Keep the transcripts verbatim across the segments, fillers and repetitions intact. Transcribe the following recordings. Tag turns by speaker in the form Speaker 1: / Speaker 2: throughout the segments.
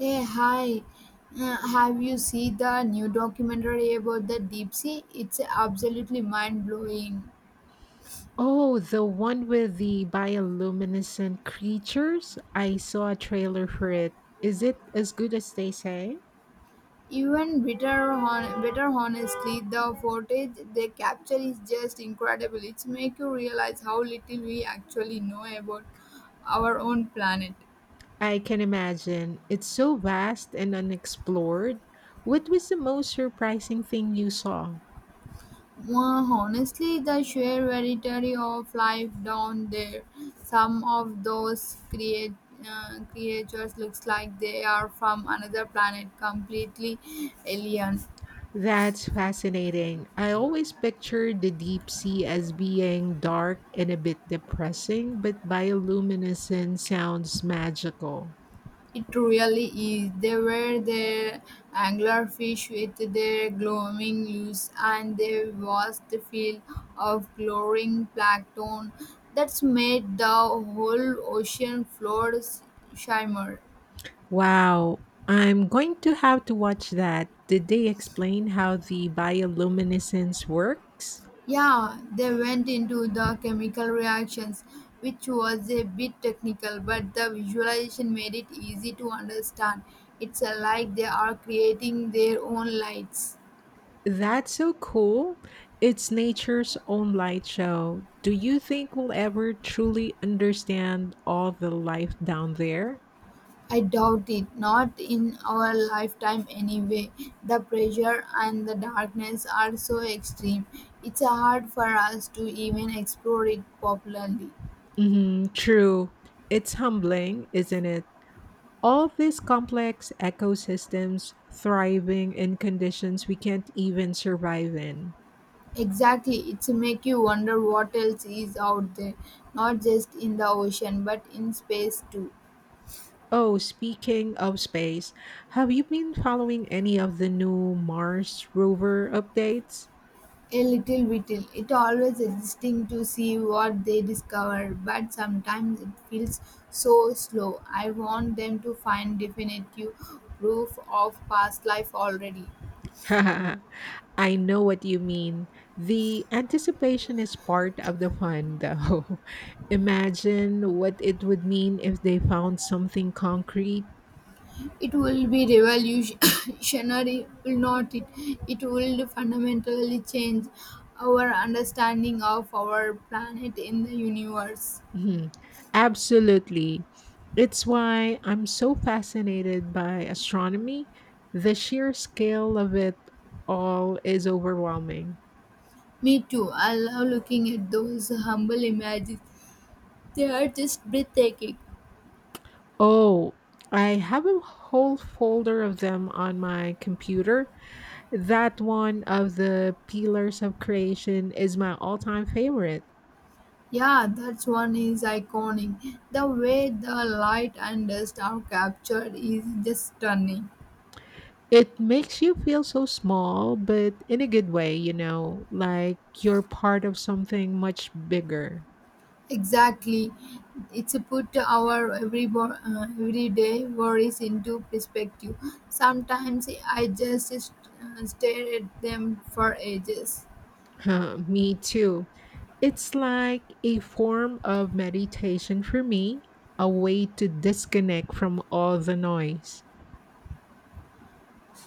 Speaker 1: Hey, hi. Uh, have you seen the new documentary about the deep sea? It's absolutely mind blowing.
Speaker 2: Oh, the one with the bioluminescent creatures? I saw a trailer for it. Is it as good as they say?
Speaker 1: Even better, hon- better honestly, the footage they capture is just incredible. It's make you realize how little we actually know about our own planet.
Speaker 2: I can imagine. It's so vast and unexplored. What was the most surprising thing you saw?
Speaker 1: Well, honestly, the sheer variety of life down there. Some of those create, uh, creatures looks like they are from another planet, completely alien.
Speaker 2: That's fascinating. I always pictured the deep sea as being dark and a bit depressing, but bioluminescent sounds magical.
Speaker 1: It really is. They were their anglerfish with their glowing leaves and their vast field of glowing plankton that's made the whole ocean floor shimmer.
Speaker 2: Wow, I'm going to have to watch that. Did they explain how the bioluminescence works?
Speaker 1: Yeah, they went into the chemical reactions, which was a bit technical, but the visualization made it easy to understand. It's uh, like they are creating their own lights.
Speaker 2: That's so cool. It's nature's own light show. Do you think we'll ever truly understand all the life down there?
Speaker 1: I doubt it, not in our lifetime anyway. The pressure and the darkness are so extreme, it's uh, hard for us to even explore it popularly.
Speaker 2: Hmm true. It's humbling, isn't it? All these complex ecosystems thriving in conditions we can't even survive in.
Speaker 1: Exactly, it's make you wonder what else is out there, not just in the ocean but in space too.
Speaker 2: Oh, speaking of space, have you been following any of the new Mars rover updates?
Speaker 1: A little bit. It always existing to see what they discover, but sometimes it feels so slow. I want them to find definitive proof of past life already.
Speaker 2: I know what you mean. The anticipation is part of the fun, though. Imagine what it would mean if they found something concrete.
Speaker 1: It will be revolutionary, will not it? It will fundamentally change our understanding of our planet in the universe.
Speaker 2: Mhm. Absolutely. It's why I'm so fascinated by astronomy. The sheer scale of it all is overwhelming.
Speaker 1: Me too. I love looking at those humble images. They are just breathtaking.
Speaker 2: Oh, I have a whole folder of them on my computer. That one of the pillars of creation is my all time favorite.
Speaker 1: Yeah, that's one is iconic. The way the light and dust are captured is just stunning.
Speaker 2: It makes you feel so small, but in a good way, you know, like you're part of something much bigger.
Speaker 1: Exactly. It's put our every bo- uh, everyday worries into perspective. Sometimes I just uh, stare at them for ages.
Speaker 2: Huh, me too. It's like a form of meditation for me, a way to disconnect from all the noise.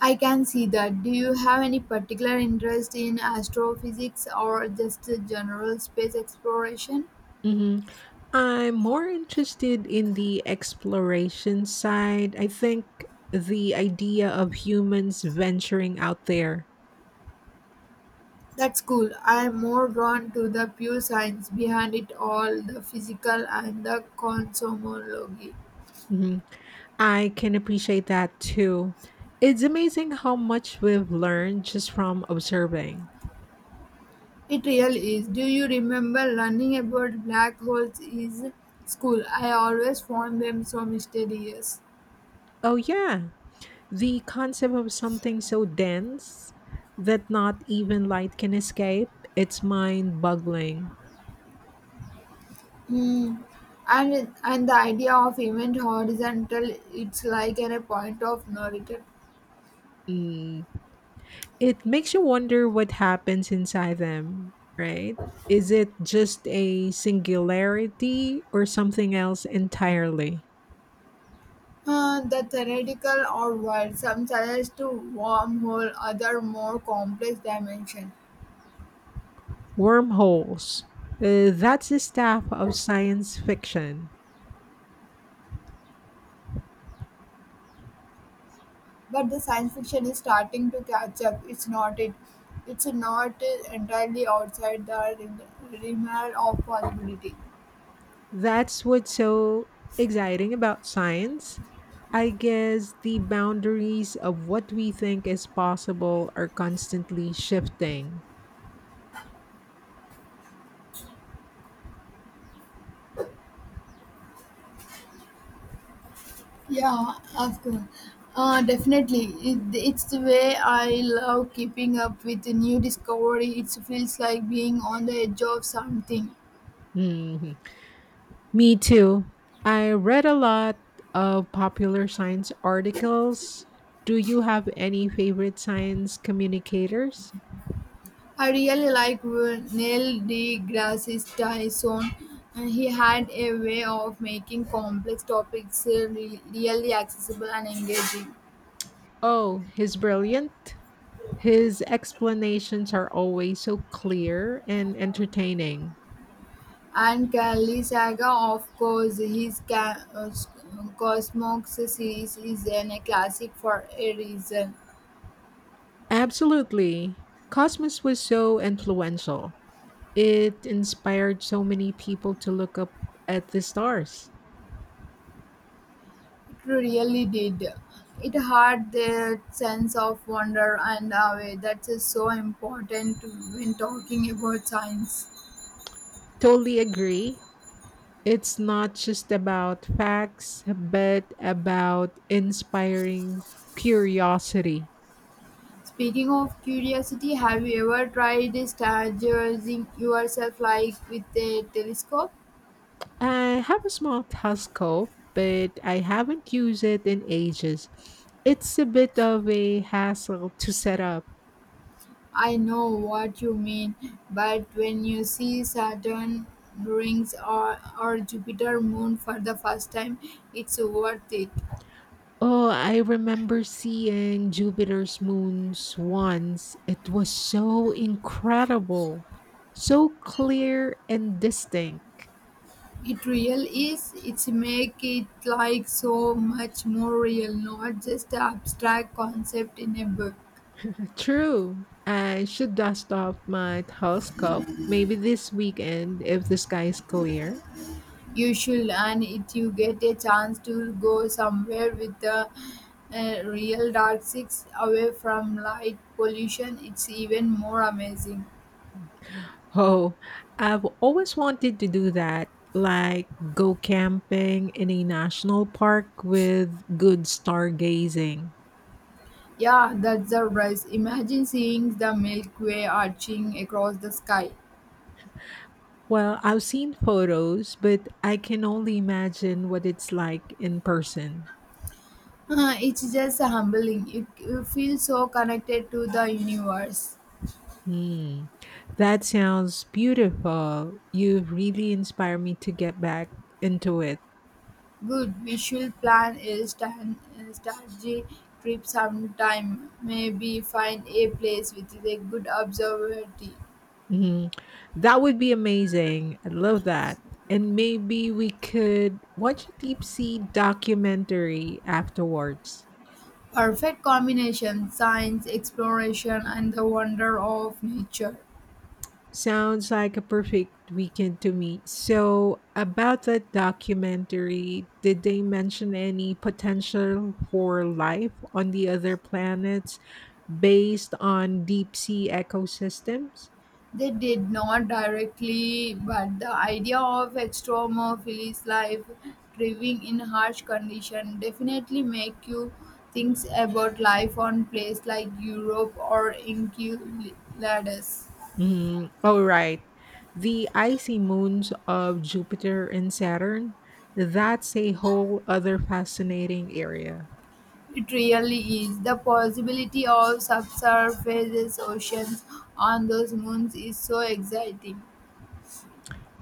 Speaker 1: I can see that. Do you have any particular interest in astrophysics or just uh, general space exploration?
Speaker 2: hmm I'm more interested in the exploration side. I think the idea of humans venturing out there,
Speaker 1: That's cool. I am more drawn to the pure science behind it all, the physical and the cosmology.
Speaker 2: Mhm. I can appreciate that too. It's amazing how much we've learned just from observing.
Speaker 1: It really is. Do you remember learning about black holes is school? I always found them so mysterious.
Speaker 2: Oh, yeah. The concept of something so dense that not even light can escape, it's mind boggling.
Speaker 1: Hmm. And and the idea of event horizontal, it's like at a point of no return.
Speaker 2: Mm, it makes you wonder what happens inside them, right? Is it just a singularity or something else entirely?
Speaker 1: Uh, the theoretical or world, some challenge to wormhole, other more complex dimension.
Speaker 2: Wormholes. Uh, that's the stuff of science fiction.
Speaker 1: But the science fiction is starting to catch up. It's not it. It's not uh, entirely outside the re- realm of possibility.
Speaker 2: That's what's so exciting about science. I guess the boundaries of what we think is possible are constantly shifting.
Speaker 1: Yeah, of course. Uh, definitely. It, it's the way I love keeping up with the new discovery. It feels like being on the edge of something.
Speaker 2: Mhm. Me too. I read a lot of popular science articles. Do you have any favorite science communicators?
Speaker 1: I really like Neil deGrasse Tyson. Uh, He had a way of making complex topics uh, re- really accessible and engaging.
Speaker 2: Oh, he's brilliant. His explanations are always so clear and entertaining.
Speaker 1: And Kali Saga, of course, his ca- uh, s- Cosmox series is an, a classic for a reason.
Speaker 2: Absolutely. Cosmos was so influential. It inspired so many people to look up at the stars.
Speaker 1: It really did. It had that sense of wonder and awe that's uh, so important when talking about science.
Speaker 2: Totally agree. It's not just about facts, but about inspiring curiosity.
Speaker 1: Speaking of curiosity, have you ever tried stargazing yourself like with a telescope?
Speaker 2: I have a small telescope, but I haven't used it in ages. It's a bit of a hassle to set up.
Speaker 1: I know what you mean, but when you see Saturn rings or, or Jupiter moon for the first time, it's worth it.
Speaker 2: Oh, I remember seeing Jupiter's moons once. It was so incredible, so clear and distinct.
Speaker 1: It really is. It's make it like so much more real, not just an abstract concept in a book.
Speaker 2: True. I should dust off my telescope. Maybe this weekend if the sky is clear.
Speaker 1: You should, and if you get a chance to go somewhere with the a real dark six away from light pollution, it's even more amazing.
Speaker 2: Oh, I've always wanted to do that. Like go camping in a national park with good stargazing.
Speaker 1: Yeah, that's the price. Imagine seeing the Milky Way arching across the sky.
Speaker 2: Well, I've seen photos, but I can only imagine what it's like in person.
Speaker 1: Uh, it's just humbling. You, you feel so connected to the universe.
Speaker 2: Hmm. That sounds beautiful. You really inspire me to get back into it.
Speaker 1: Good. We should plan a stan- a strategy trip sometime. Maybe find a place with a good observatory.
Speaker 2: Mhm. That would be amazing. I love that. And maybe we could watch a deep sea documentary afterwards.
Speaker 1: Perfect combination science exploration and the wonder of nature.
Speaker 2: Sounds like a perfect weekend to me. So, about that documentary, did they mention any potential for life on the other planets based on deep sea ecosystems?
Speaker 1: They did not directly, but the idea of extremophiles life thriving in harsh condition definitely make you think about life on place like europe or enceladus.
Speaker 2: Mhm. All right, the icy moons of Jupiter and Saturn, that's a whole other fascinating area.
Speaker 1: It really is, the possibility of subsurface oceans on those moons is so exciting.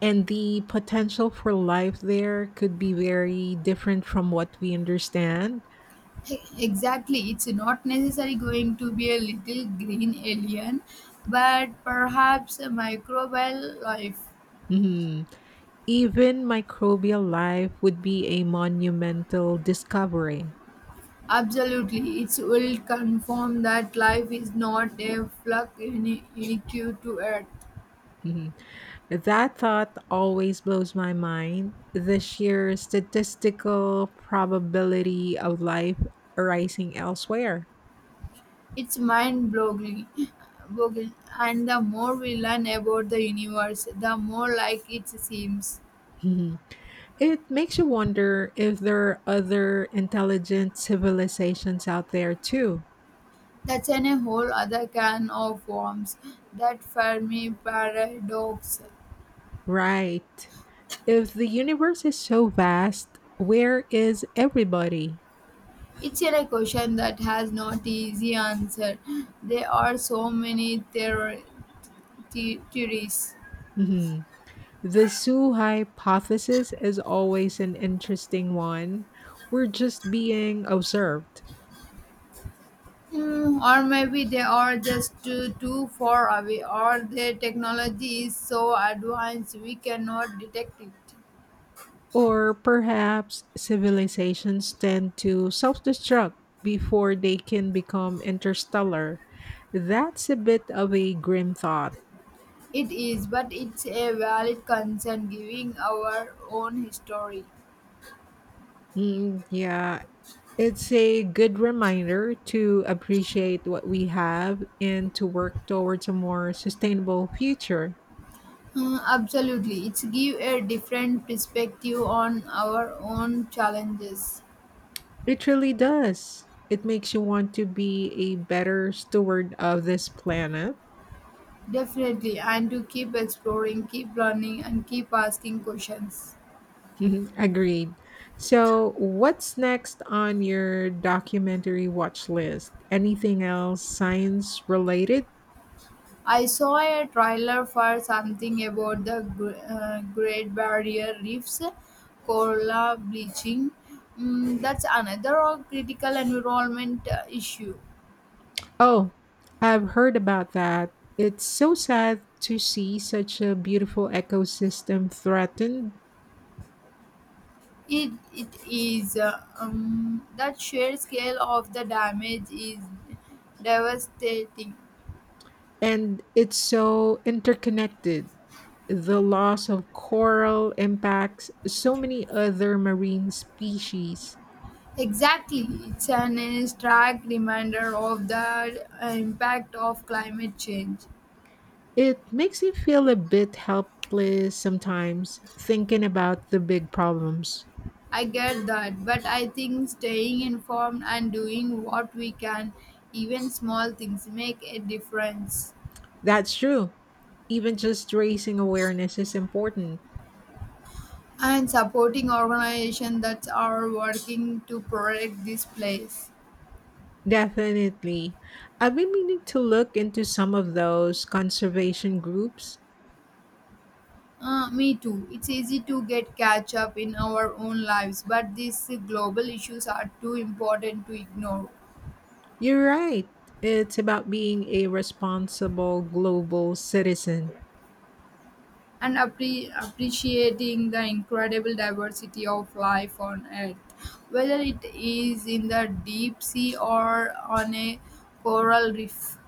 Speaker 2: And the potential for life there could be very different from what we understand.
Speaker 1: E- Exactly. It's not necessarily going to be a little green alien, but perhaps a microbial life.
Speaker 2: Mhm. Even microbial life would be a monumental discovery.
Speaker 1: Absolutely. It will confirm that life is not a flux uni- unique to Earth.
Speaker 2: Mhm. That thought always blows my mind. The sheer statistical probability of life arising elsewhere.
Speaker 1: It's mind boggling. Boggling. And the more we learn about the universe, the more like it seems.
Speaker 2: Mhm. It makes you wonder if there are other intelligent civilizations out there too.
Speaker 1: That's in a whole other can of worms. That Fermi paradox.
Speaker 2: Right. If the universe is so vast, where is everybody?
Speaker 1: It's yet a like, question that has not easy answer. There are so many theor- the- theories.
Speaker 2: Mhm. The Sue hypothesis is always an interesting one. We're just being observed.
Speaker 1: Hmm, or maybe they are just too, too far away, or their technology is so advanced we cannot detect it.
Speaker 2: Or perhaps civilizations tend to self destruct before they can become interstellar. That's a bit of a grim thought.
Speaker 1: It is, but it's a valid concern giving our own history.
Speaker 2: Mm, yeah, it's a good reminder to appreciate what we have and to work towards a more sustainable future.
Speaker 1: Hmm, absolutely, it's give a different perspective on our own challenges.
Speaker 2: It really does. It makes you want to be a better steward of this planet.
Speaker 1: Definitely, and to keep exploring, keep learning, and keep asking questions.
Speaker 2: Mhm, agreed. So, what's next on your documentary watch list? Anything else science related?
Speaker 1: I saw a trailer for something about the Gr- uh, Great Barrier Reefs, coral bleaching. Mm, that's another critical environment uh, issue.
Speaker 2: Oh, I've heard about that. It's so sad to see such a beautiful ecosystem threatened.
Speaker 1: It, it is uh, um, that sheer scale of the damage is devastating.
Speaker 2: And it's so interconnected. The loss of coral impacts so many other marine species.
Speaker 1: Exactly. It's an uh, stark reminder of the uh, impact of climate change.
Speaker 2: It makes me feel a bit helpless sometimes thinking about the big problems.
Speaker 1: I get that, but I think staying informed and doing what we can, even small things, make a difference.
Speaker 2: That's true. Even just raising awareness is important.
Speaker 1: And supporting organizations that are working to protect this place.
Speaker 2: Definitely. I've been meaning to look into some of those conservation groups.
Speaker 1: Uh, me too. It's easy to get catch up in our own lives, but these global issues are too important to ignore.
Speaker 2: You're right. It's about being a responsible global citizen.
Speaker 1: And appre- appreciating the incredible diversity of life on Earth, whether it is in the deep sea or on a coral reef.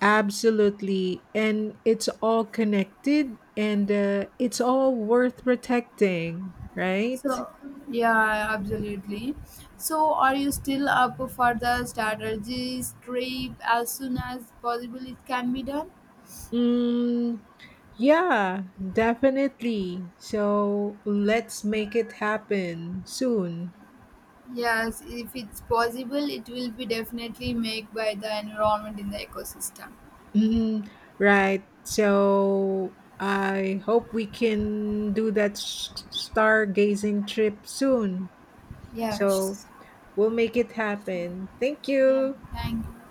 Speaker 2: Absolutely. And it's all connected and uh, it's all worth protecting, right?
Speaker 1: So, yeah, absolutely. So, are you still up for the strategies trip as soon as possible? It can be done.
Speaker 2: Mm, yeah, definitely. So let's make it happen soon.
Speaker 1: Yes, if it's possible, it will be definitely made by the environment in the ecosystem.
Speaker 2: Mhm. Right. So I hope we can do that s- stargazing trip soon. So
Speaker 1: Yes.
Speaker 2: we'll make it happen. Thank
Speaker 1: Yeah.
Speaker 2: you.
Speaker 1: Thank you.